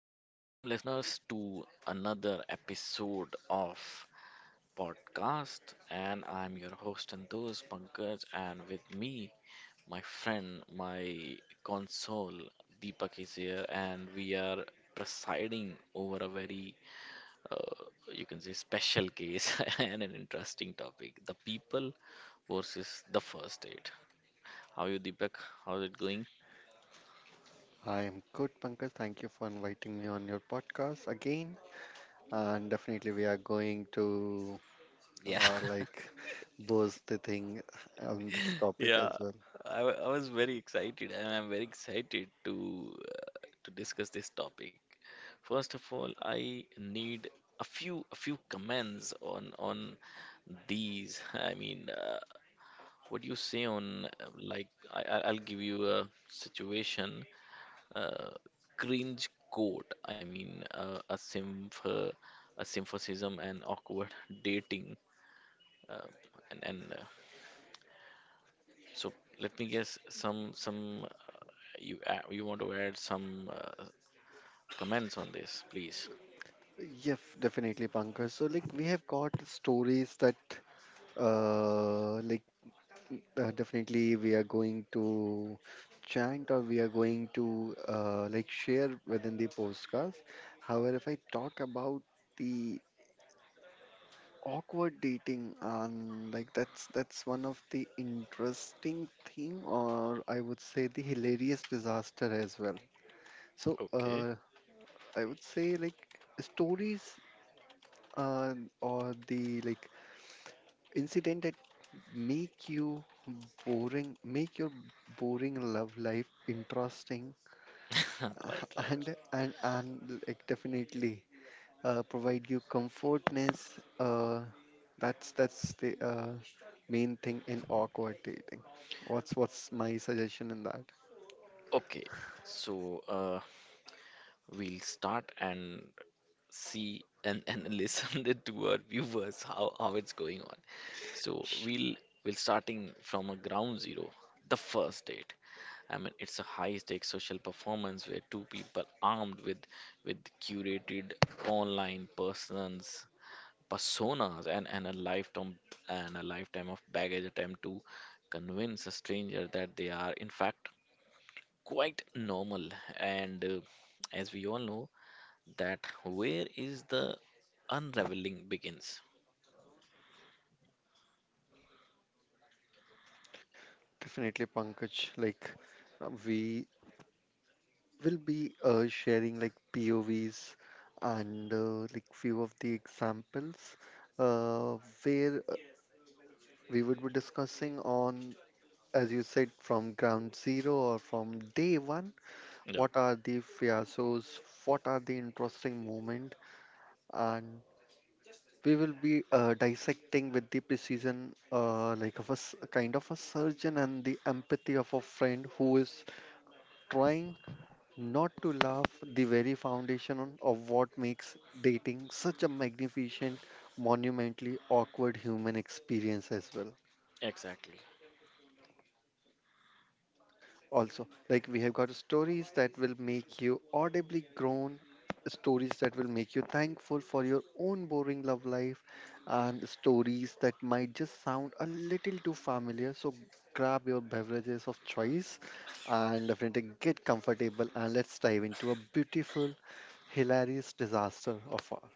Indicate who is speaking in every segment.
Speaker 1: listeners to another episode of podcast and I'm your host and host Pankaj, and with me my console Deepak is here, and we are presiding over a very uh, you can say special case and an interesting topic, the people versus the first aid. How are you, Deepak? How's it going?
Speaker 2: I am good, Pankaj. Thank you for inviting me on your podcast again. And definitely, we are going to
Speaker 1: Yeah
Speaker 2: like boost the thing on this topic
Speaker 1: Yeah,
Speaker 2: as well.
Speaker 1: I was very excited, and I'm very excited to discuss this topic. First of all, I need a few comments on these. I mean, what do you say on I'll give you a situation. Uh, Cringe code. I mean, a symphasism and awkward dating, uh, and so let me guess some you want to add some comments on this, please?
Speaker 2: Yes, definitely, Pankaj. So, like, we have got stories that, like, definitely we are going to chant or we are going to like share within the podcast. However, if I talk about the awkward dating and like that's one of the interesting thing, or I would say the hilarious disaster as well. So
Speaker 1: Okay.
Speaker 2: I would say like stories, uh, or the like incident that make you boring, make your boring love life interesting
Speaker 1: Right, right.
Speaker 2: and like definitely provide you comfortness. That's the main thing in awkward dating. What's my suggestion in that?
Speaker 1: Okay. So we'll start and see, and listen it to our viewers how it's going on. So we'll starting from a ground zero, the first date. I mean, it's a high-stakes social performance where two people armed with curated online persons personas and a lifetime of baggage attempt to convince a stranger that they are, in fact, quite normal. And as we all know, that where is the unraveling begins.
Speaker 2: Definitely, Pankaj. Like we will be sharing like POVs and like few of the examples uh, where we would be discussing on, as you said, from ground zero or from day one.
Speaker 1: Yeah,
Speaker 2: What are the fiascos? What are the interesting moment? And we will be dissecting with the precision, like of kind of a surgeon, and the empathy of a friend who is trying not to laugh the very foundation on, of what makes dating such a magnificent, monumentally awkward human experience as well.
Speaker 1: exactly.
Speaker 2: Also, like, we have got stories that will make you audibly groan, stories that will make you thankful for your own boring love life, and stories that might just sound a little too familiar. So grab your beverages of choice and definitely get comfortable, and let's dive into a beautiful hilarious disaster of all.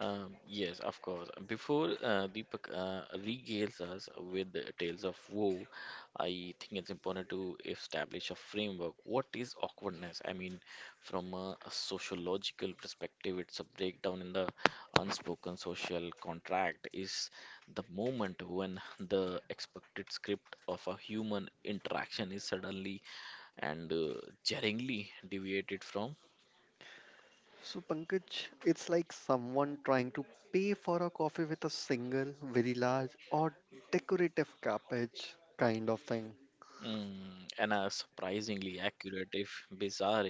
Speaker 1: Yes, of course. Before Deepak regales us with the tales of woe, I think it's important to establish a framework. What is awkwardness? I mean, from a sociological perspective, it's a breakdown in the unspoken social contract. Is the moment when the expected script of a human interaction is suddenly and jarringly deviated from.
Speaker 2: So Pankaj, it's like someone trying to pay for a coffee with a single very large or decorative cabbage kind of thing.
Speaker 1: Mm, and a surprisingly accurate, if bizarre,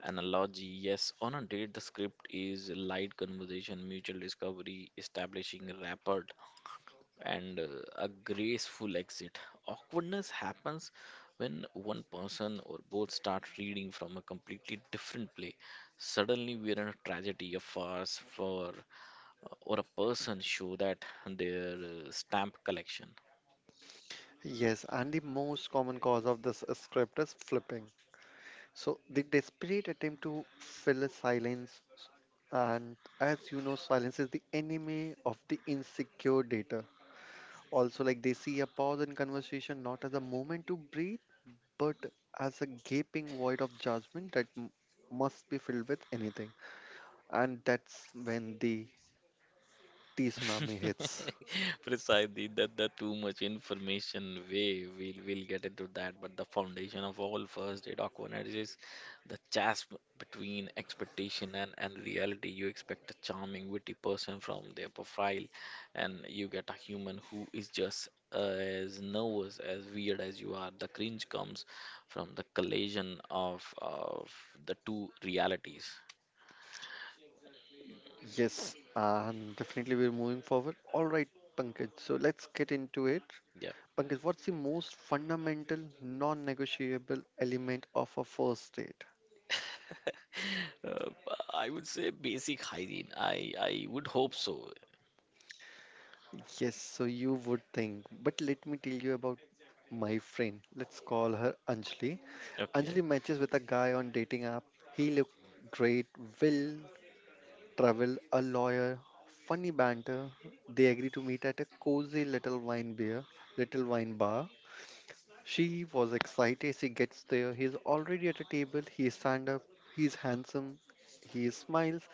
Speaker 1: analogy. Yes, on a date, the script is light conversation, mutual discovery, establishing rapport, and a graceful exit. Awkwardness happens when one person or both start reading from a completely different play. Suddenly, we're in a tragedy, a farce, for or a person show that their stamp collection.
Speaker 2: Yes, and the most common cause of this script is flipping. So the desperate attempt to fill a silence, and as you know, silence is the enemy of the insecure data. Also, like, they see a pause in conversation not as a moment to breathe, but as a gaping void of judgment that must be filled with anything, and that's when the tea tsunami hits.
Speaker 1: Precisely, that the too much information way we'll get into that, but the foundation of all first aid awkwardness is the chasm between expectation and reality. You expect a charming, witty person from their profile, and you get a human who is just as nervous, as weird as you are. The cringe comes from the collision of the two realities.
Speaker 2: Yes, and definitely we're moving forward. All right, Pankaj, so let's get into it.
Speaker 1: Yeah.
Speaker 2: Pankaj, what's the most fundamental, non negotiable element of a first date?
Speaker 1: Uh, I would say basic hygiene. I would hope so.
Speaker 2: Yes, so you would think, but let me tell you about my friend. Let's call her Anjali.
Speaker 1: Okay.
Speaker 2: Anjali matches with a guy on dating app. He looked great, will travel, a lawyer, funny banter. They agree to meet at a cozy little wine bar. She was excited. She gets there. He's already at a table. He stand up. He's handsome. He smiles,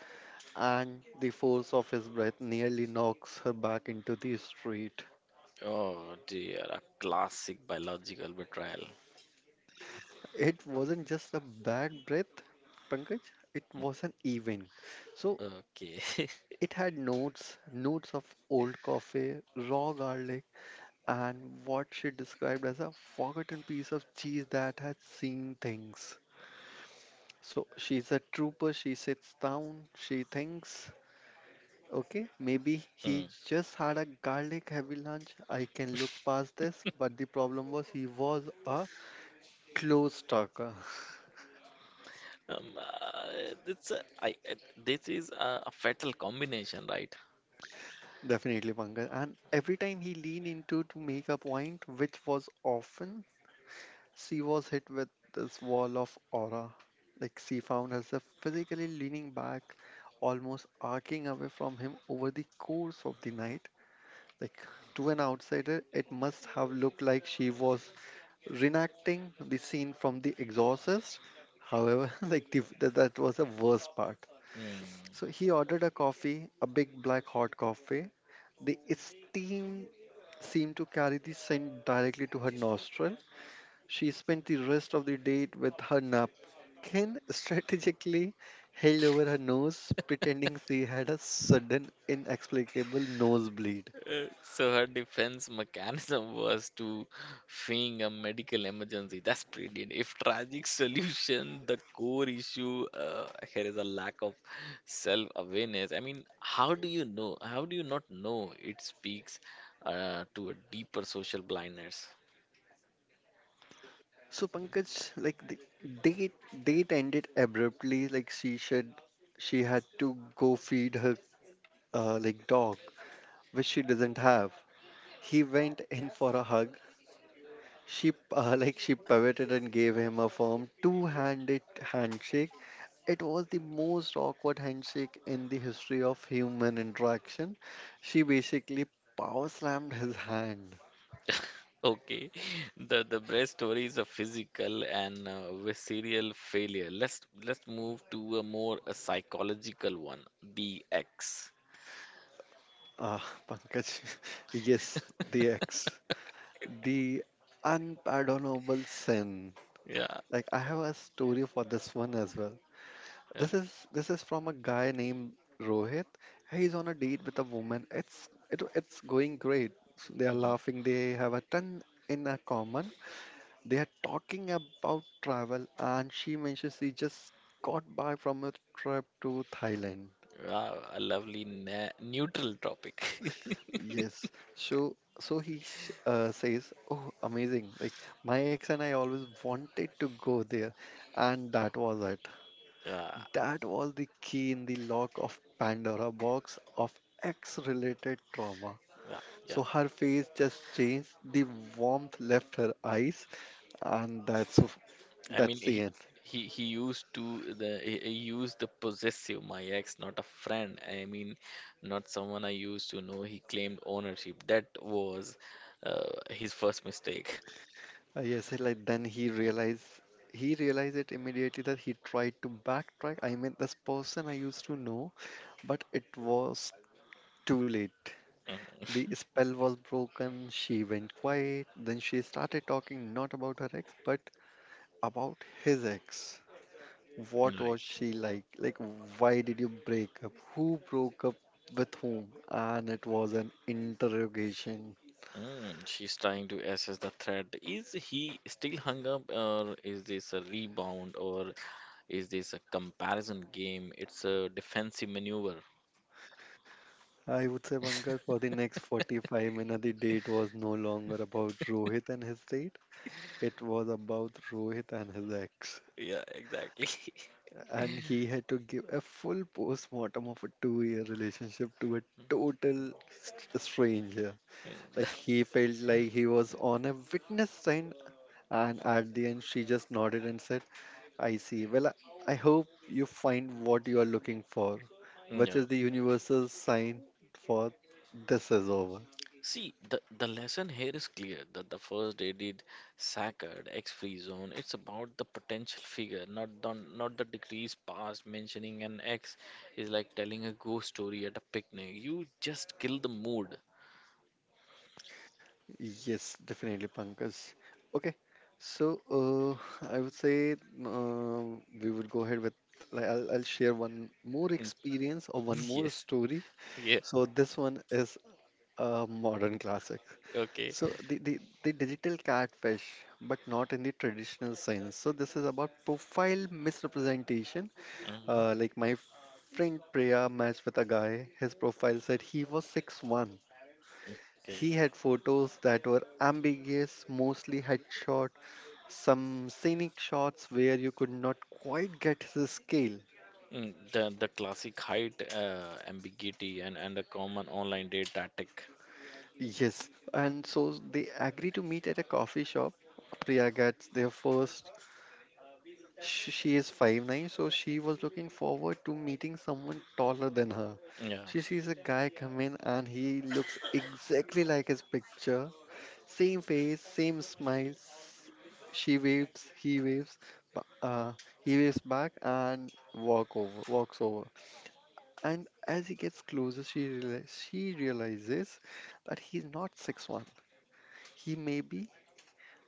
Speaker 2: and the force of his breath nearly knocks her back into the street.
Speaker 1: Oh dear, a classic biological betrayal.
Speaker 2: It wasn't just a bad breath, Pankaj, it wasn't even. So
Speaker 1: Okay.
Speaker 2: it had notes, notes of old coffee, raw garlic, and what she described as a forgotten piece of cheese that had seen things. So she's a trooper, she sits down, she thinks, okay, maybe
Speaker 1: Mm.
Speaker 2: he just had a garlic heavy lunch. I can look past this, but the problem was he was a close talker.
Speaker 1: Um, uh, it's a, this is a fatal combination, right?
Speaker 2: Definitely, Pankaj. And every time he leaned into to make a point, which was often, she was hit with this wall of aura. Like, she found herself physically leaning back, almost arcing away from him over the course of the night. Like, to an outsider, it must have looked like she was reenacting the scene from The Exorcist. However, like the, that, that was the worst part.
Speaker 1: Mm.
Speaker 2: So he ordered a coffee, a big black hot coffee. The steam seemed to carry the scent directly to her nostril. She spent the rest of the date with her napkin strategically held over her nose, pretending she had a sudden inexplicable nosebleed.
Speaker 1: So her defense mechanism was to feign a medical emergency. That's brilliant. If tragic solution, the core issue here is a lack of self-awareness. I mean, how do you know? How do you not know? It speaks to a deeper social blindness.
Speaker 2: So Pankaj, like the date date ended abruptly. Like, she said she had to go feed her like dog, which she doesn't have. He went in for a hug. She like she pivoted and gave him a firm two-handed handshake. It was the most awkward handshake in the history of human interaction. She basically power slammed his hand.
Speaker 1: Okay, the breast story is a physical and visceral failure. Let's move to a more a psychological one. The X.
Speaker 2: Ah, Pankaj, yes, the ex. The unpardonable sin.
Speaker 1: Yeah,
Speaker 2: Like, I have a story for this one as well.
Speaker 1: yeah.
Speaker 2: This is from a guy named Rohit. He's on a date with a woman. It's going great. So they are
Speaker 1: Mm-hmm.
Speaker 2: laughing. They have a ton in a common. They are talking about travel, and she mentions she just got back from a trip to Thailand.
Speaker 1: Yeah, a lovely neutral topic.
Speaker 2: Yes. So so he says, "Oh, amazing! Like, my ex and I always wanted to go there," and that was it.
Speaker 1: yeah,
Speaker 2: That was the key in the lock of Pandora box of ex-related trauma.
Speaker 1: yeah, yeah.
Speaker 2: So her face just changed. The warmth left her eyes, and
Speaker 1: I mean,
Speaker 2: that's the end.
Speaker 1: he used the possessive my ex, not a friend. I mean, not someone I used to know. He claimed ownership. That was his first mistake.
Speaker 2: Yes, like, then he realized it immediately, that he tried to backtrack. I mean, this person I used to know, but it was too late.
Speaker 1: Mm.
Speaker 2: The spell was broken. She went quiet. Then she started talking not about her ex, but about his ex. What
Speaker 1: Right.
Speaker 2: was she like? Like, why did you break up? Who broke up with whom? And it was an interrogation.
Speaker 1: Mm, she's trying to assess the threat. Is he still hung up, or is this a rebound, or is this a comparison game? It's a defensive maneuver.
Speaker 2: I would say, Pankaj, for the next 45 minutes, the date was no longer about Rohit and his date. It was about Rohit and his ex.
Speaker 1: Yeah, exactly.
Speaker 2: And he had to give a full post-mortem of a two-year relationship to a total stranger.
Speaker 1: Mm,
Speaker 2: Like, he felt like he was on a witness stand. And at the end, she just nodded and said, "I see. Well, I hope you find what you are looking for," which
Speaker 1: Yeah.
Speaker 2: is the universal sign for this is over.
Speaker 1: See, the lesson here is clear that the first aided Sackard X free zone, it's about the potential figure, not the, not the degrees past. Mentioning an X is like telling a ghost story at a picnic. You just kill the mood.
Speaker 2: Yes, definitely, Pankaj. Okay, so I would say uh, we would go ahead with like I'll share one more
Speaker 1: Mm,
Speaker 2: experience or one more
Speaker 1: Yes.
Speaker 2: story.
Speaker 1: Yeah.
Speaker 2: So this one is a modern classic.
Speaker 1: Okay.
Speaker 2: So the digital catfish, but not in the traditional sense. So this is about profile misrepresentation.
Speaker 1: Hmm.
Speaker 2: Like, my friend Priya matched with a guy. His profile said he was 6'1".
Speaker 1: Okay.
Speaker 2: He had photos that were ambiguous, mostly headshot, some scenic shots where you could not quite get the scale.
Speaker 1: Mm, the classic height ambiguity and the common online date tactic.
Speaker 2: Yes, and so they agree to meet at a coffee shop. Priya gets there first. She is 5'9", so she was looking forward to meeting someone taller than her.
Speaker 1: Yeah.
Speaker 2: She sees a guy come in and he looks exactly like his picture. Same face, same smiles. She waves, he waves, ba- uh, he waves back and walks over. And as he gets closer, she realizes that he's not 6'1". He may be,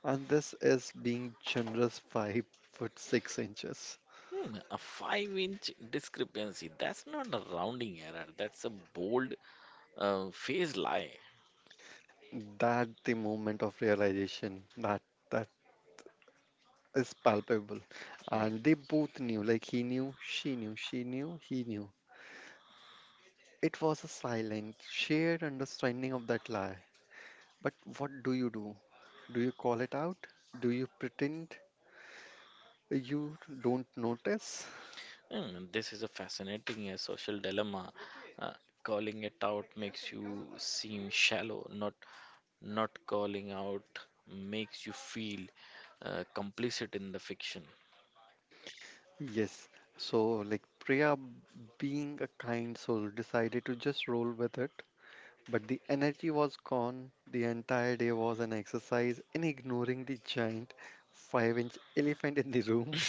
Speaker 2: and this is being generous, 5 foot 6 inches.
Speaker 1: Hmm, a five-inch discrepancy. That's not a rounding error. That's a bold phase lie.
Speaker 2: That the moment of realization that that is palpable, and they both knew. Like, he knew, she knew, she knew, he knew. It was a silent, shared understanding of that lie. But what do you do? Do you call it out? Do you pretend you don't notice?
Speaker 1: Hmm, this is a fascinating social dilemma. Uh, Calling it out makes you seem shallow. Not not calling out makes you feel complicit in the fiction.
Speaker 2: Yes. So, like, Priya, being a kind soul, decided to just roll with it. But the energy was gone. The entire day was an exercise in ignoring the giant five-inch elephant in the room.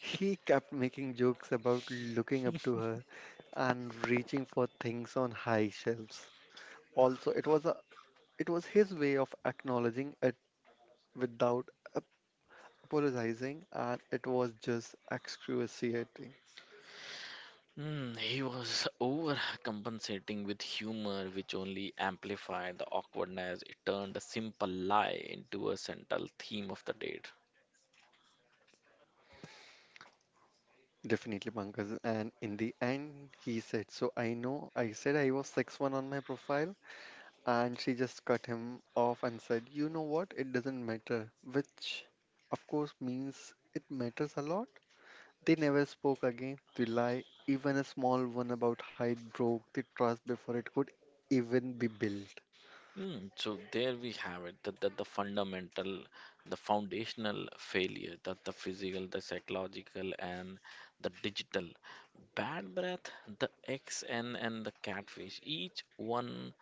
Speaker 2: He kept making jokes about looking up to her and reaching for things on high shelves. Also, it was a it was his way of acknowledging it without ap- apologizing, and it was just excruciating.
Speaker 1: Hmm, he was overcompensating with humor, which only amplified the awkwardness. It turned a simple lie into a central theme of the date.
Speaker 2: Definitely, Pankaj. And in the end, he said, "So I know I said I was 6'1" on my profile," and she just cut him off and said, "You know what? It doesn't matter." Which, of course, means it matters a lot. They never spoke again. The lie, even a small one about height, broke the trust before it could even be built.
Speaker 1: Mm, so there we have it, the fundamental, the foundational failure, the physical, the psychological, and the digital. Bad breath, the eggs, and the catfish, each one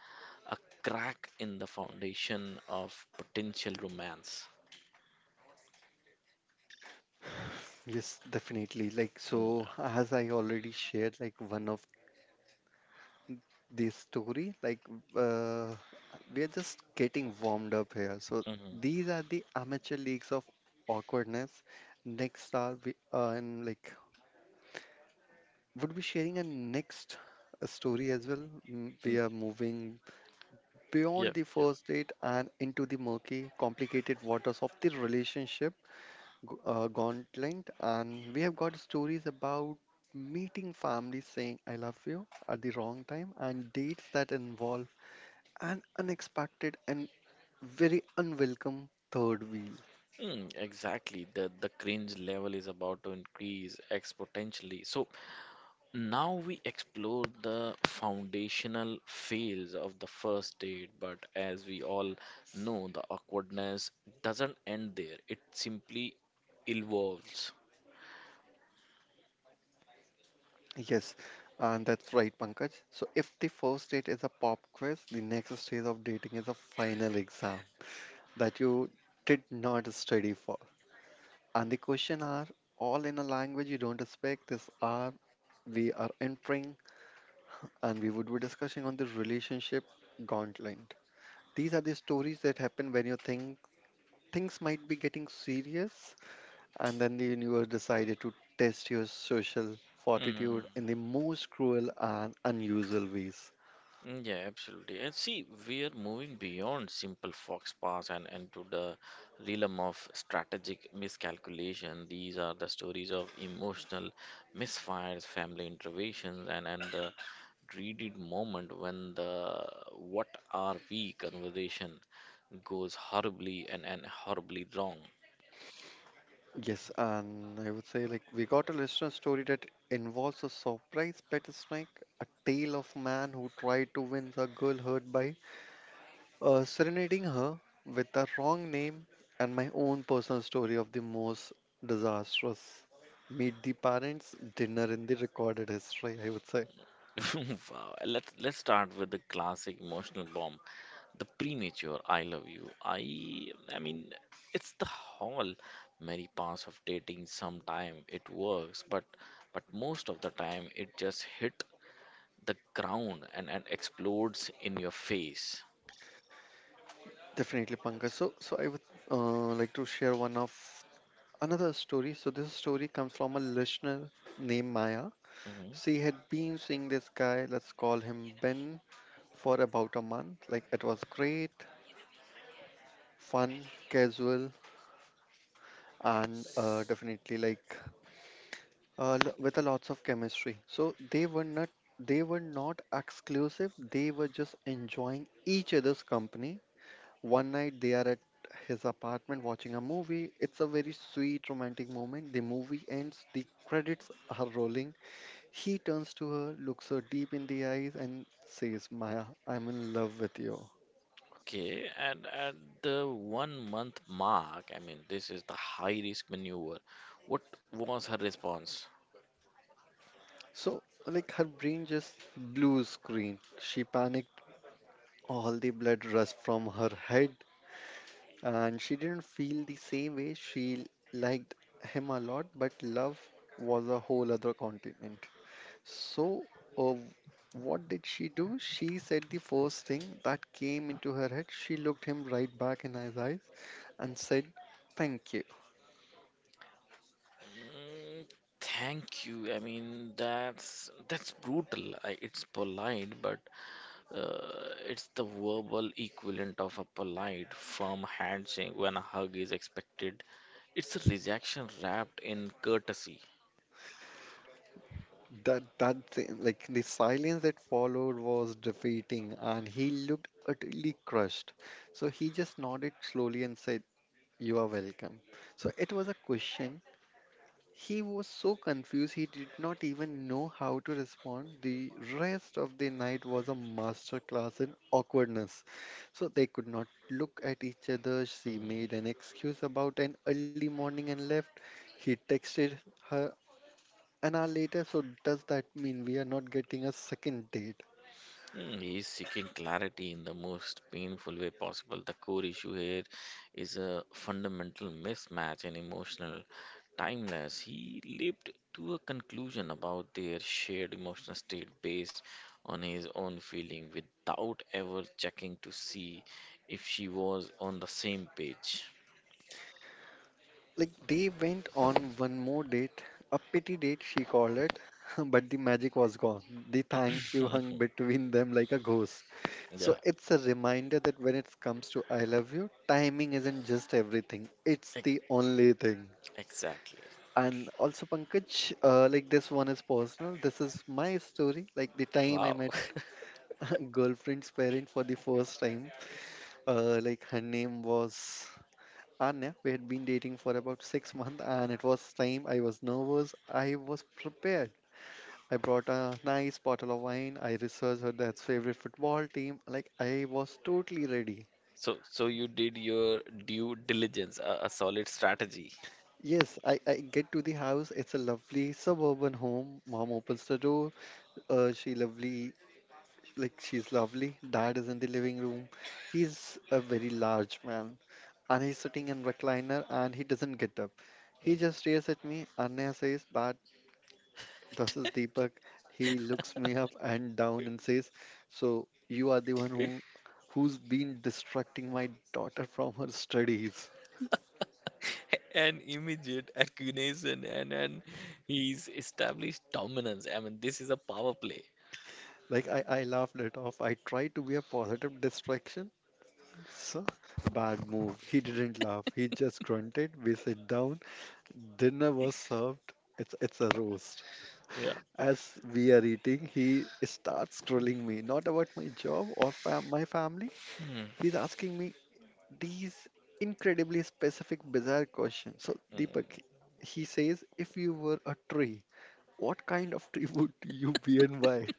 Speaker 1: a crack in the foundation of potential romance.
Speaker 2: Yes, definitely. Like,
Speaker 1: Mm,
Speaker 2: so
Speaker 1: yeah.
Speaker 2: as I already shared, like, one of the story, like, uh, we are just getting warmed up here. So
Speaker 1: Mhm.
Speaker 2: these are the amateur leagues of awkwardness. Next are we and like would be sharing a next story as well. Mm, we
Speaker 1: Mm,
Speaker 2: are moving beyond
Speaker 1: yep,
Speaker 2: the
Speaker 1: yep.
Speaker 2: first date and into the murky, complicated waters of the relationship gauntlet, and we have got stories about meeting families, saying "I love you" at the wrong time, and dates that involve an unexpected and very unwelcome third wheel.
Speaker 1: Mm, exactly. The cringe level is about to increase exponentially. So now we explore the foundational fails of the first date, but as we all know, the awkwardness doesn't end there, it simply evolves.
Speaker 2: Yes, and that's right, Pankaj. So, if the first date is a pop quiz, the next stage of dating is a final exam that you did not study for. And the question are all in a language you don't expect. This are we are entering and we would be discussing on the relationship gauntlet. These are the stories that happen when you think things might be getting serious, and then the universe decided to test your social
Speaker 1: Mm.
Speaker 2: fortitude in the most cruel and unusual ways.
Speaker 1: Mm, yeah, absolutely. And see, we are moving beyond simple fox pass and into the realm of strategic miscalculation. These are the stories of emotional misfires, family interventions, and the dreaded moment when the what are we conversation goes horribly and horribly wrong.
Speaker 2: Yes, and I would say we got a listener story that involves a surprise pet snake, a tale of man who tried to win a girl hurt by serenading her with the wrong name and my own personal story of the most disastrous meet the parents dinner in the recorded history I would say.
Speaker 1: Wow. Let's start with the classic emotional bomb, the premature "I love you." I mean, it's the whole merry pass of dating. Sometime it works, but most of the time it just hit the ground and explodes in your face.
Speaker 2: Definitely Pankaj, so I would like to share one of another story. So this story comes from a listener named Maya.
Speaker 1: Mhm.
Speaker 2: She had been seeing this guy, let's call him Ben, for about a month. It was great, fun, casual, and definitely with a lots of chemistry. So they were not exclusive. They were just enjoying each other's company. One night they are at his apartment watching a movie. It's a very sweet romantic moment. The movie ends. The credits are rolling. He turns to her, looks her deep in the eyes, and says, "Maya, I'm in love with you."
Speaker 1: Okay, and at the 1 month mark, I mean, this is the high risk maneuver. What was her response?
Speaker 2: So her brain just blue screen. She panicked. All the blood rushed from her head and she didn't feel the same way. She liked him a lot, but love was a whole other continent. So, uh, what did she do? She said the first thing that came into her head. She looked him right back in his eyes and said, "Thank you."
Speaker 1: Mm, thank you. I mean, that's that's brutal. It's polite, but it's the verbal equivalent of a polite, firm handshake when a hug is expected. It's a rejection wrapped in courtesy.
Speaker 2: That thing, the silence that followed was defeating, and he looked utterly crushed. So he just nodded slowly and said, "You are welcome." So it was a question. He was so confused he did not even know how to respond. The rest of the night was a masterclass in awkwardness. So they could not look at each other. She made an excuse about an early morning and left. He texted her an hour later. So does that mean we are not getting a second date?
Speaker 1: Mm, he is seeking clarity in the most painful way possible. The core issue here is a fundamental mismatch in emotional timeless. He leaped to a conclusion about their shared emotional state based on his own feeling without ever checking to see if she was on the same page.
Speaker 2: They went on one more date, a pity date she called it, but the magic was gone. The thank you hung between them like a ghost.
Speaker 1: Yeah,
Speaker 2: So it's a reminder that when it comes to I love you, timing isn't just everything. It's
Speaker 1: ex-
Speaker 2: the only thing.
Speaker 1: exactly.
Speaker 2: And also Pankaj, this one is personal. This is my story. Like the time I
Speaker 1: Wow.
Speaker 2: met girlfriend's parent for the first time. Her name was Anya. We had been dating for about 6 months, and it was time. I was nervous. I was prepared. I brought a nice bottle of wine. I researched her dad's favorite football team. Like I was totally ready.
Speaker 1: So, so you did your due diligence, a solid strategy.
Speaker 2: Yes, I get to the house. It's a lovely suburban home. Mom opens the door. Uh, she's lovely. Dad is in the living room. He's a very large man, and he's sitting in recliner and he doesn't get up. He
Speaker 1: Hmm.
Speaker 2: just stares at me. Anya says that this is Deepak. He looks me up and down and says, "So you are the one who's been distracting my daughter from her studies."
Speaker 1: An immediate accusation and he's established dominance. I mean, this is a power play.
Speaker 2: I laughed it off. I tried to be a positive distraction. So, bad move. He didn't laugh. He just grunted. We sit down. Dinner was served. It's a roast.
Speaker 1: Yeah.
Speaker 2: As we are eating, he starts trolling me, not about my job or my family.
Speaker 1: Hmm.
Speaker 2: He's asking me these incredibly specific, bizarre questions. So, Deepak, he says, if you were a tree, what kind of tree would you be and why?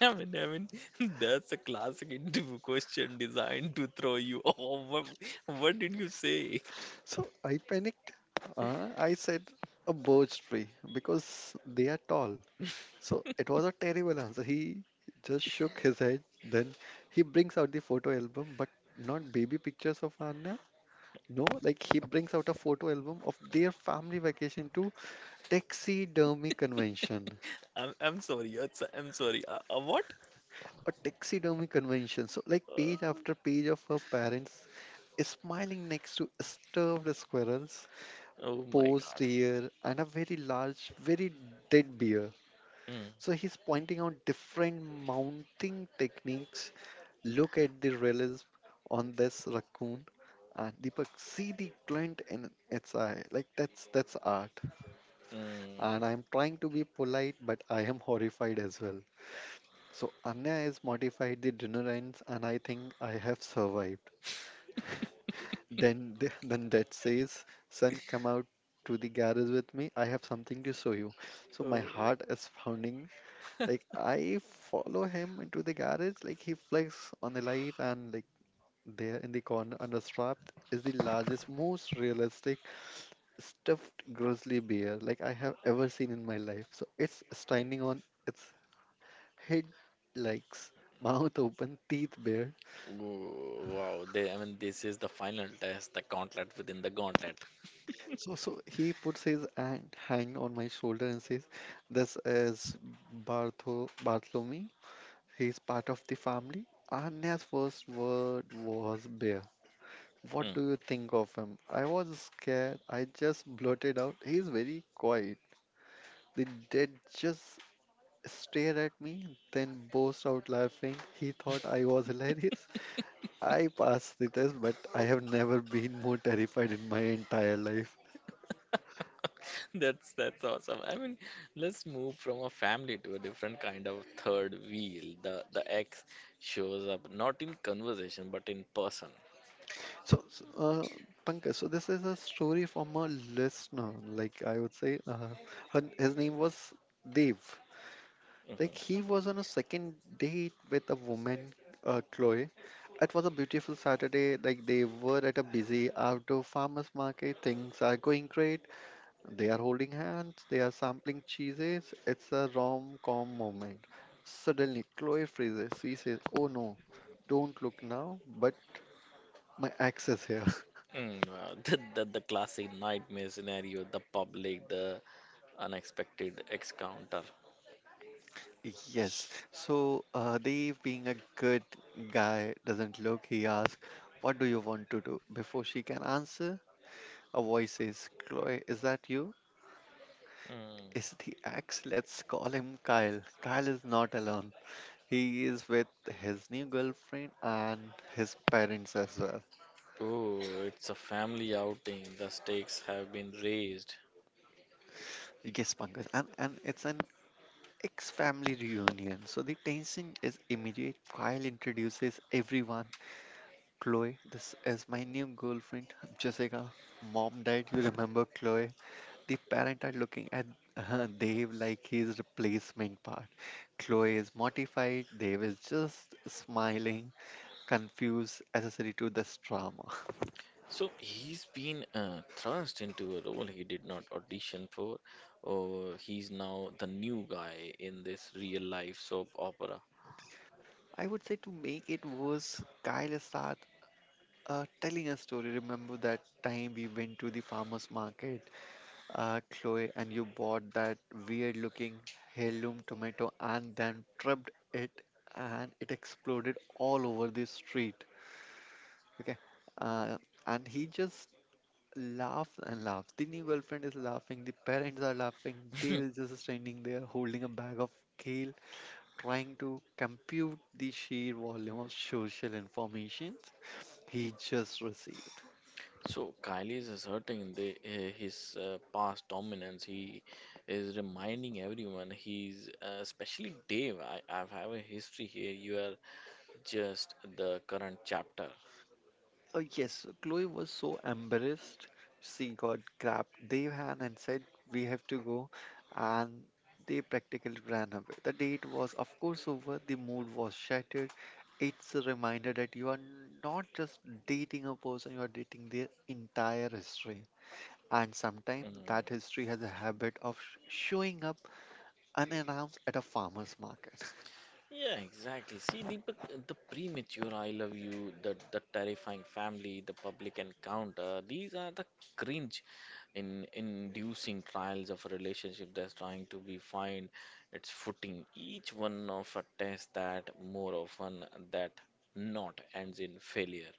Speaker 1: I mean, that's a classic interview question designed to throw you off. What did you say?
Speaker 2: So I panicked. I said a birch tree because they are tall. So it was a terrible answer. He just shook his head. Then he brings out the photo album, but not baby pictures of Anna. No, like he brings out a photo album of their family vacation to taxidermy convention.
Speaker 1: I'm sorry. It's, I'm sorry. What?
Speaker 2: A taxidermy convention. So like page
Speaker 1: Uh,
Speaker 2: after page of her parents smiling next to starved squirrels,
Speaker 1: oh my
Speaker 2: posed
Speaker 1: God.
Speaker 2: deer, and a very large, very dead bear.
Speaker 1: Hmm.
Speaker 2: So he's pointing out different mounting techniques. Look at the relief on this raccoon. And Deepak, see the glint in its eye. Like that's art.
Speaker 1: Hmm.
Speaker 2: And I'm trying to be polite, but I am horrified as well. So Anya has modified the dinner ends, and I think I have survived. Then then that says, son, come out to the garage with me. I have something to show you. So my
Speaker 1: Oh.
Speaker 2: heart is pounding. Like I follow him into the garage. He flicks on the light and there in the corner, understrapped, is the largest, most realistic stuffed grizzly bear like I have ever seen in my life. So it's standing on its head, legs, mouth open, teeth bare.
Speaker 1: Oh, wow. They, I mean, this is the final test, the gauntlet within the gauntlet.
Speaker 2: So he puts his hand on my shoulder and says, "This is Bartholomew. He's part of the family." Anya's first word was bear. What
Speaker 1: Hmm.
Speaker 2: do you think of him? I was scared. I just blurted out, he's very quiet. The dad just stared at me, then burst out laughing. He thought I was hilarious. I passed the test, but I have never been more terrified in my entire life.
Speaker 1: That's awesome. I mean, let's move from a family to a different kind of third wheel. The ex shows up not in conversation but in person.
Speaker 2: So, so, uh, Pankaj, so this is a story from a listener. Like I would say, his name was Dev.
Speaker 1: Hmm.
Speaker 2: Like he was on a second date with a woman, Chloe. It was a beautiful Saturday. Like they were at a busy outdoor farmers market. Things are going great. They are holding hands, they are sampling cheeses. It's a rom-com moment. Suddenly, Chloe freezes. She says, Oh no, don't look now, but my ex is here.
Speaker 1: Mm, wow. The classic nightmare scenario, the public, the unexpected encounter.
Speaker 2: Yes. So, Dave, being a good guy, doesn't look. He asks, What do you want to do? Before she can answer, a voice says, Chloe, is that you? Is
Speaker 1: Mm.
Speaker 2: the ex? Let's call him Kyle. Kyle is not alone. He is with his new girlfriend and his parents as well.
Speaker 1: Oh, it's a family outing. The stakes have been raised.
Speaker 2: Yes, Pankaj, and it's an ex family reunion. So the tension is immediate. Kyle introduces everyone. Chloe, this is my new girlfriend, Jessica. Mom died, you remember Chloe? The parent are looking at Dave like his replacement part. Chloe is mortified, Dave is just smiling, confused, accessory to this drama.
Speaker 1: So he's been thrust into a role he did not audition for, or he's now the new guy in this real life soap opera.
Speaker 2: I would say to make it worse, Kyle starts telling a story, remember that time we went to the farmer's market, Chloe, and you bought that weird looking heirloom tomato and then trapped it and it exploded all over the street. Okay. Uh, and he just laughs and laughs. The new girlfriend is laughing, the parents are laughing, they were just standing there holding a bag of kale, trying to compute the sheer volume of social information he just received.
Speaker 1: So Kylie's asserting the, his past dominance. He is reminding everyone, he's, especially Dave, I have a history here. You are just the current chapter.
Speaker 2: Oh, yes, Chloe was so embarrassed. She got grabbed their hand and said, We have to go. And they practically ran away. The date was, of course, over. The mood was shattered. It's a reminder that you are not just dating a person, you are dating their entire history. And sometimes that
Speaker 1: Mm.
Speaker 2: history has a habit of showing up unannounced at a farmer's market.
Speaker 1: Yeah, exactly. See, Deepak, the premature I love you, the terrifying family, the public encounter, these are the cringe in inducing trials of a relationship that's trying to be find its footing. Each one of a test that more often that not ends in failure.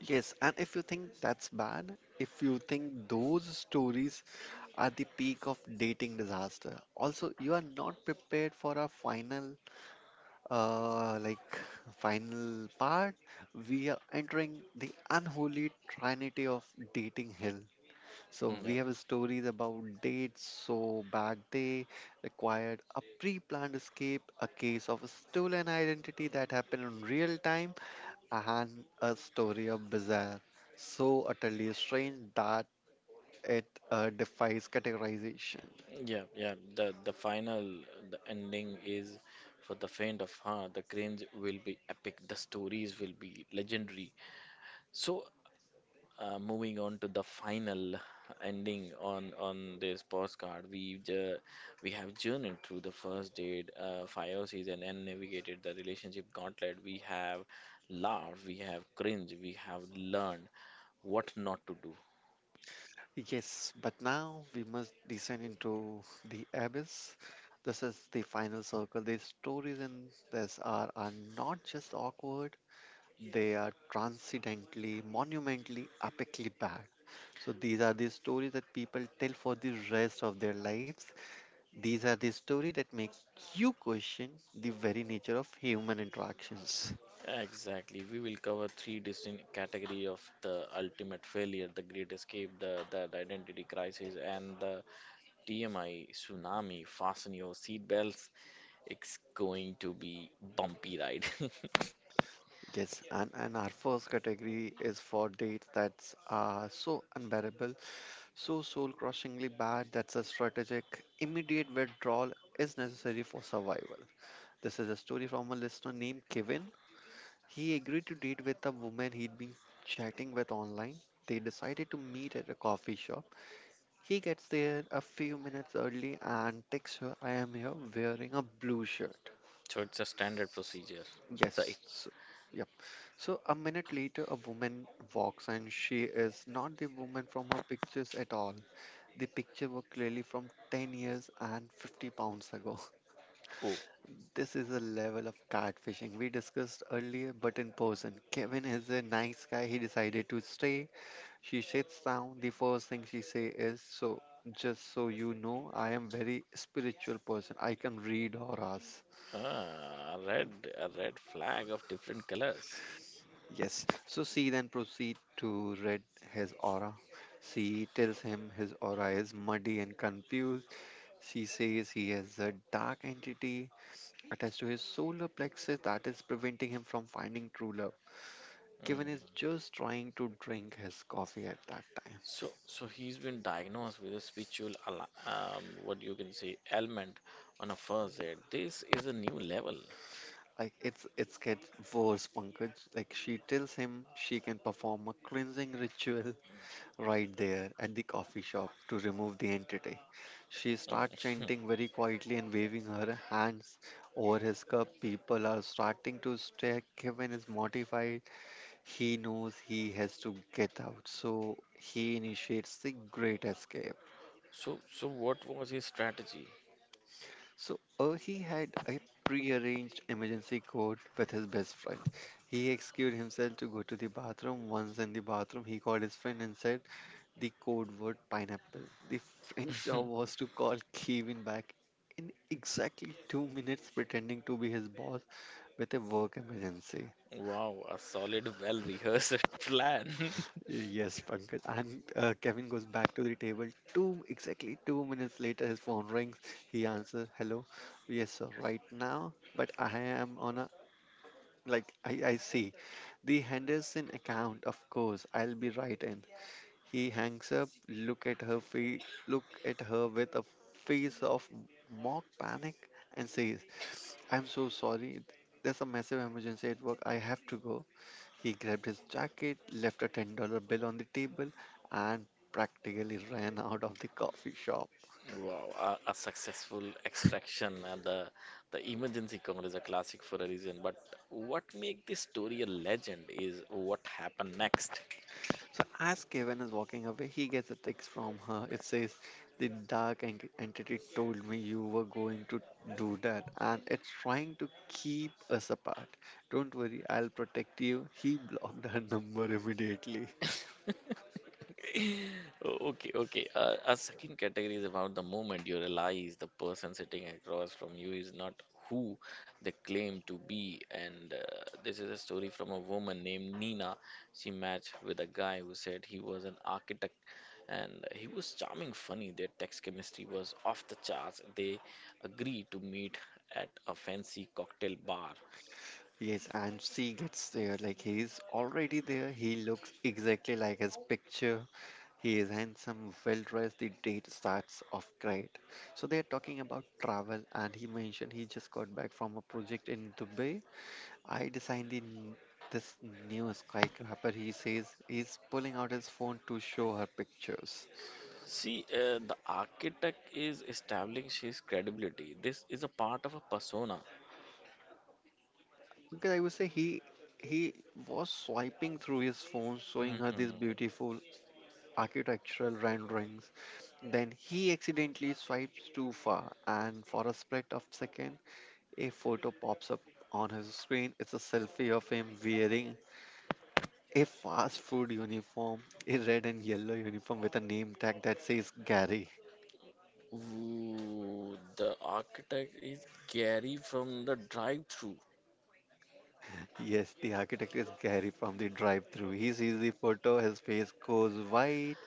Speaker 2: Yes, and if you think that's bad, if you think those stories at the peak of dating disaster. Also, you are not prepared for our final, uh, like final part. We are entering the unholy trinity of dating hell. So we
Speaker 1: Yeah,
Speaker 2: have stories about dates so back they required a pre-planned escape, a case of stolen identity that happened in real time, and a story of bizarre, so utterly strange that it defies categorization.
Speaker 1: yeah. The final, the ending is for the faint of heart. The cringe will be epic. The stories will be legendary. So moving on to the final ending on this postcard we have journeyed through the first date fire season and navigated the relationship gauntlet. We have laughed, we have cringed, we have learned what not to do.
Speaker 2: Yes, but now we must descend into the abyss. This is the final circle. These stories in this are not just awkward, they are transcendently, monumentally, epically bad. So these are the stories that people tell for the rest of their lives. These are the stories that make you question the very nature of human interactions.
Speaker 1: Exactly, we will cover three distinct category of the ultimate failure: the great escape, the identity crisis, and the TMI tsunami. Fasten your seatbelts, it's going to be bumpy ride.
Speaker 2: Yes, and our first category is for dates that are so unbearable. So soul crushingly bad that a strategic, immediate withdrawal is necessary for survival. This is a story from a listener named Kevin. He agreed to date with a woman he'd been chatting with online. They decided to meet at a coffee shop. He gets there a few minutes early and texts her, I am here wearing a blue shirt.
Speaker 1: So it's a standard procedure,
Speaker 2: Yes,
Speaker 1: right?
Speaker 2: so, yep. So a minute later, a woman walks and she is not the woman from her pictures at all. The picture were clearly from 10 years and 50 pounds ago.
Speaker 1: Oh,
Speaker 2: This is a level of catfishing we discussed earlier, but in person. Kevin is a nice guy. He decided to stay. She sits down. The first thing she say is, "So, just so you know, I am very spiritual person. I can read auras."
Speaker 1: ah, a red flag of different colors.
Speaker 2: Yes. So she then proceed to read his aura. She tells him his aura is muddy and confused. She says he is a dark entity attached to his solar plexus that is preventing him from finding true love. Kevin is
Speaker 1: Mm.
Speaker 2: just trying to drink his coffee at that time.
Speaker 1: So, so he's been diagnosed with a spiritual, what you can say, ailment on a first aid. This is a new level.
Speaker 2: Like it's gets worse, Pankaj. Like she tells him she can perform a cleansing ritual right there at the coffee shop to remove the entity. She starts
Speaker 1: Mm.
Speaker 2: chanting very quietly and waving her hands over his cup. People are starting to stare. Kevin is mortified. He knows he has to get out, so he initiates the great escape.
Speaker 1: So, so what was his strategy?
Speaker 2: So, he had a pre-arranged emergency code with his best friend. He excused himself to go to the bathroom. Once in the bathroom, he called his friend and said the code word pineapple. The friend's job was to call Kevin back in exactly 2 minutes, pretending to be his boss with a work emergency.
Speaker 1: Wow, a solid, well-rehearsed plan.
Speaker 2: Yes, Pankaj. And Kevin goes back to the table. Two exactly 2 minutes later, his phone rings. He answers, "Hello, yes, sir, right now, but I am on a like I see the Henderson account. Of course, I'll be right in." He hangs up. Look at her face. Look at her with a face of mock panic and says, "I'm so sorry. There's a massive emergency at work. I have to go." He grabbed his jacket, left a $10 bill on the table, and practically ran out of the coffee shop.
Speaker 1: Wow, a successful extraction and the emergency call is a classic for a reason. But what make this story a legend is what happened next.
Speaker 2: So, as Kevin is walking away, he gets a text from her. It says, the dark entity told me you were going to do that, and it's trying to keep us apart. Don't worry, I'll protect you. He blocked her number immediately.
Speaker 1: O- Okay, okay. A second category is about the moment you realize the person sitting across from you is not who they claim to be. And this is a story from a woman named Nina. She matched with a guy who said he was an architect, and he was charming, funny. Their text chemistry was off the charts. They agreed to meet at a fancy cocktail bar.
Speaker 2: Yes, and she gets there. Like he's already there. He looks exactly like his picture. He is handsome, well dressed. The date starts off great. So they are talking about travel, and he mentioned he just got back from a project in Dubai. I designed the this new skyscraper. He says he's pulling out his phone to show her pictures.
Speaker 1: See, the architect is establishing his credibility. This is a part of a persona.
Speaker 2: Because I would say he was swiping through his phone, showing her
Speaker 1: Hmm.
Speaker 2: these beautiful architectural renderings. Then he accidentally swipes too far, and for a split of second, a photo pops up on his screen. It's a selfie of him wearing a fast food uniform, a red and yellow uniform with a name tag that says Gary.
Speaker 1: Ooh, the architect is Gary from the drive-through.
Speaker 2: Yes, the architect is Gary from the drive-through. He sees the photo, his face goes white.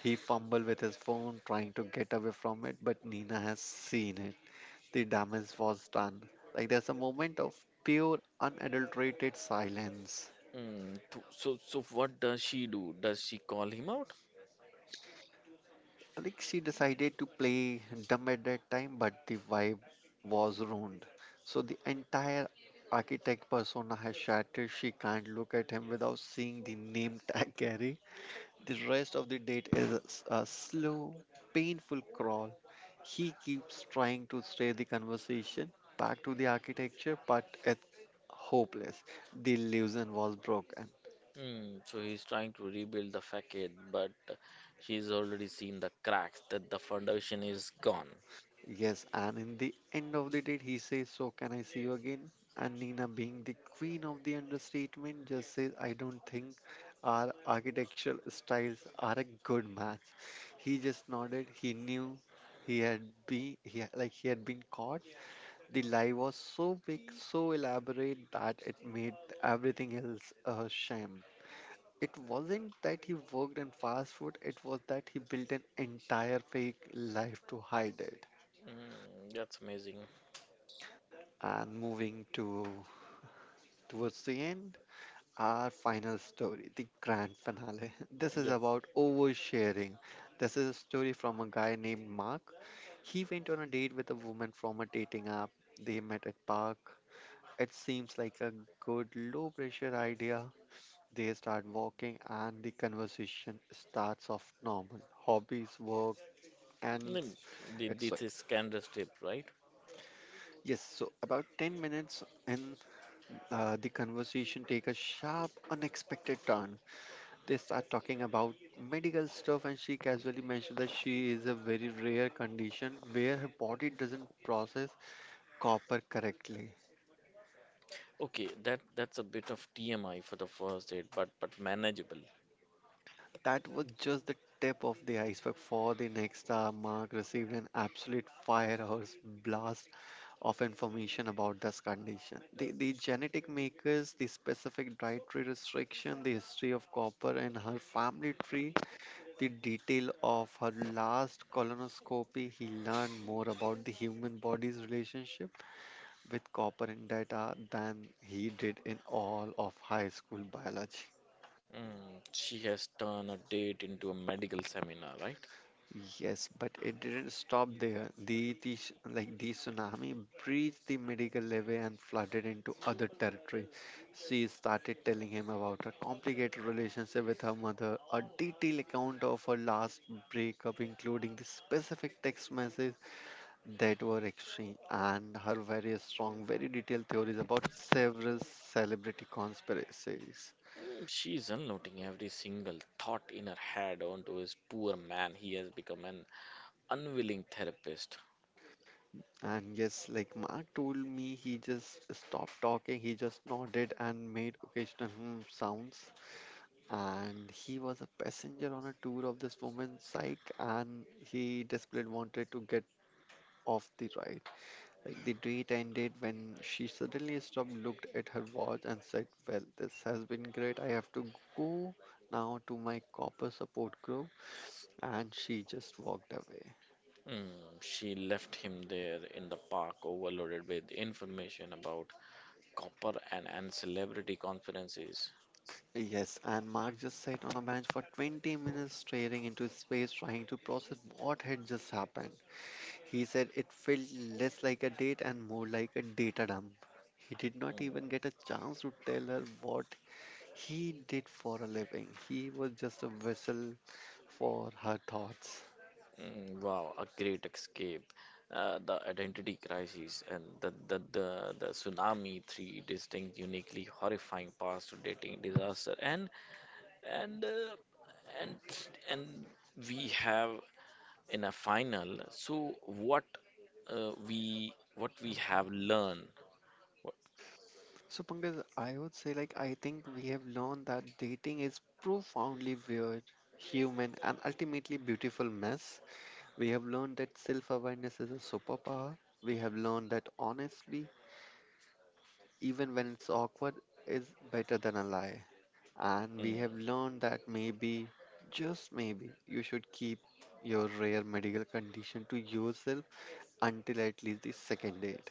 Speaker 2: He fumbles with his phone trying to get away from it, but Nina has seen it. The damage was done. Like there's a moment of pure, unadulterated silence.
Speaker 1: Hmm. So, so what does she do? Does she call him out?
Speaker 2: Like she decided to play dumb at that time, but the vibe was ruined. So the entire architect persona has shattered. She can't look at him without seeing the name tag Gary. The rest of the date is a, a slow, painful crawl. He keeps trying to steer the conversation back to the architecture, but it's hopeless. The illusion was broken.
Speaker 1: Hmm. So he's trying to rebuild the facade, but she's already seen the cracks that the foundation is gone.
Speaker 2: Yes, and in the end of the date, he says, so can I see you again? And Nina, being the queen of the understatement, just says, I don't think our architectural styles are a good match. He just nodded. He knew he had, like he had been caught. The lie was so big, so elaborate that it made everything else a sham. It wasn't that he worked in fast food, it was that he built an entire fake life to hide it.
Speaker 1: Hmm. That's amazing.
Speaker 2: And moving to towards the end, our final story, the grand finale. This is
Speaker 1: Yep.
Speaker 2: about oversharing. This is a story from a guy named Mark. He went on a date with a woman from a dating app. They met at park. It seems like a good low pressure idea. They start walking and the conversation starts off normal. Hobbies, work, and
Speaker 1: Hmm,
Speaker 2: it's so.
Speaker 1: this is Candace tip, right?
Speaker 2: Yes, so about 10 minutes in, the conversation take a sharp, unexpected turn. They start talking about medical stuff, and she casually mentions that she is a very rare condition where her body doesn't process copper correctly.
Speaker 1: Okay, that that's a bit of TMI for the first date, but manageable.
Speaker 2: That was just the tip of the iceberg. For the next hour, Mark received an absolute firehouse blast of information about this condition. The genetic makers, the specific dietary restriction, the history of copper, and her family tree, the detail of her last colonoscopy. He learned more about the human body's relationship with copper and data than he did in all of high school biology.
Speaker 1: Mm, she has turned a date into a medical seminar, right?
Speaker 2: Yes, but it didn't stop there. Like the tsunami breached the medical levee and flooded into other territory. She started telling him about her complicated relationship with her mother, a detailed account of her last breakup, including the specific text message that were extreme, and her very strong, very detailed theories about several celebrity conspiracies.
Speaker 1: Mm, she's unloading every single thought in her head onto his poor man. He has become an unwilling therapist.
Speaker 2: And yes, like Mark told me, he just stopped talking, he just nodded and made occasional hmm sounds. And he was a passenger on a tour of this woman's psych, and he desperately wanted to get off the ride. Like the date ended when she suddenly stopped, looked at her watch, and said, well, this has been great. I have to go now to my copper support group. And she just walked away.
Speaker 1: Mm, she left him there in the park, overloaded with information about copper and celebrity conferences.
Speaker 2: Yes, and Mark just sat on a bench for 20 minutes staring into space, trying to process what had just happened. He said it felt less like a date and more like a data dump. He did not
Speaker 1: Mm,
Speaker 2: even get a chance to tell her what he did for a living. He was just a vessel for her thoughts.
Speaker 1: wow, a great escape. The identity crisis and the tsunami, three distinct, uniquely horrifying paths to dating disaster. And, uh, and and we have in a final. So what we what we have learned. What,
Speaker 2: So, Pankaj, I would say, like, I think we have learned that dating is profoundly weird, human, and ultimately beautiful mess. We have learned that self awareness is a superpower. We have learned that honestly, even when it's awkward, is better than a lie. And we
Speaker 1: mm.
Speaker 2: have learned that maybe, just maybe, you should keep your rare medical condition to yourself until at least the second date.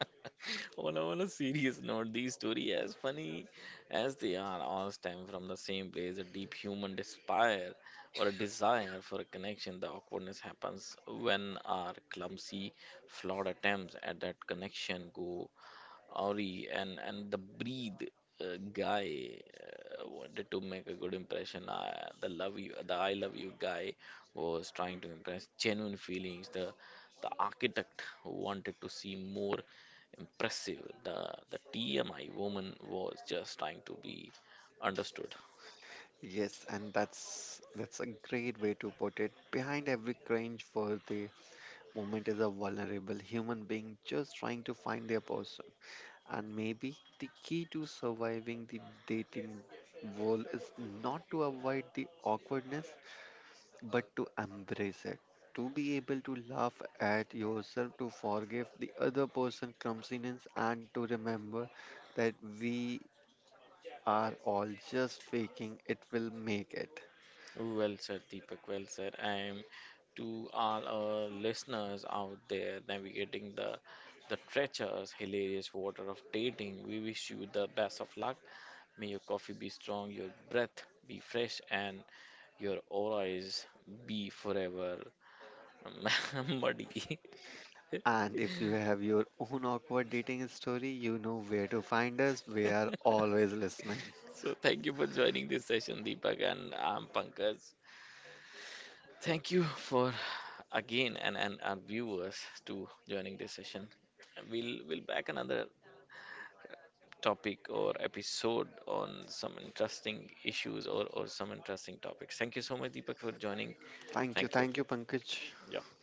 Speaker 1: On, on a serious note, these stories, as funny as they are, all stem from the same place, a deep human despair or a desire for a connection. The awkwardness happens when our clumsy, flawed attempts at that connection go Auri, and the breed guy wanted to make a good impression. The I love you guy was trying to impress genuine feelings. The architect wanted to seem more impressive. The TMI woman was just trying to be understood.
Speaker 2: Yes, and that's a great way to put it. Behind every cringe for the moment is a vulnerable human being just trying to find their person. And maybe the key to surviving the dating world is not to avoid the awkwardness, but to embrace it. To be able to laugh at yourself, to forgive the other person clumsiness, and to remember that we are all just faking it will make it.
Speaker 1: Well said, Deepak. Well said. And to all our listeners out there navigating the treacherous, hilarious water of dating, we wish you the best of luck. May your coffee be strong, your breath be fresh, and your aura is be forever muddy.
Speaker 2: And if you have your own awkward dating story, you know where to find us. We are always listening.
Speaker 1: So thank you for joining this session, Deepak, and I'm Pankaj. Thank you for again and our viewers to joining this session. We'll back another topic or episode on some interesting issues or some interesting topics. Thank you so much, Deepak, for joining. Thank you.
Speaker 2: Thank you, Pankaj.
Speaker 1: Yeah.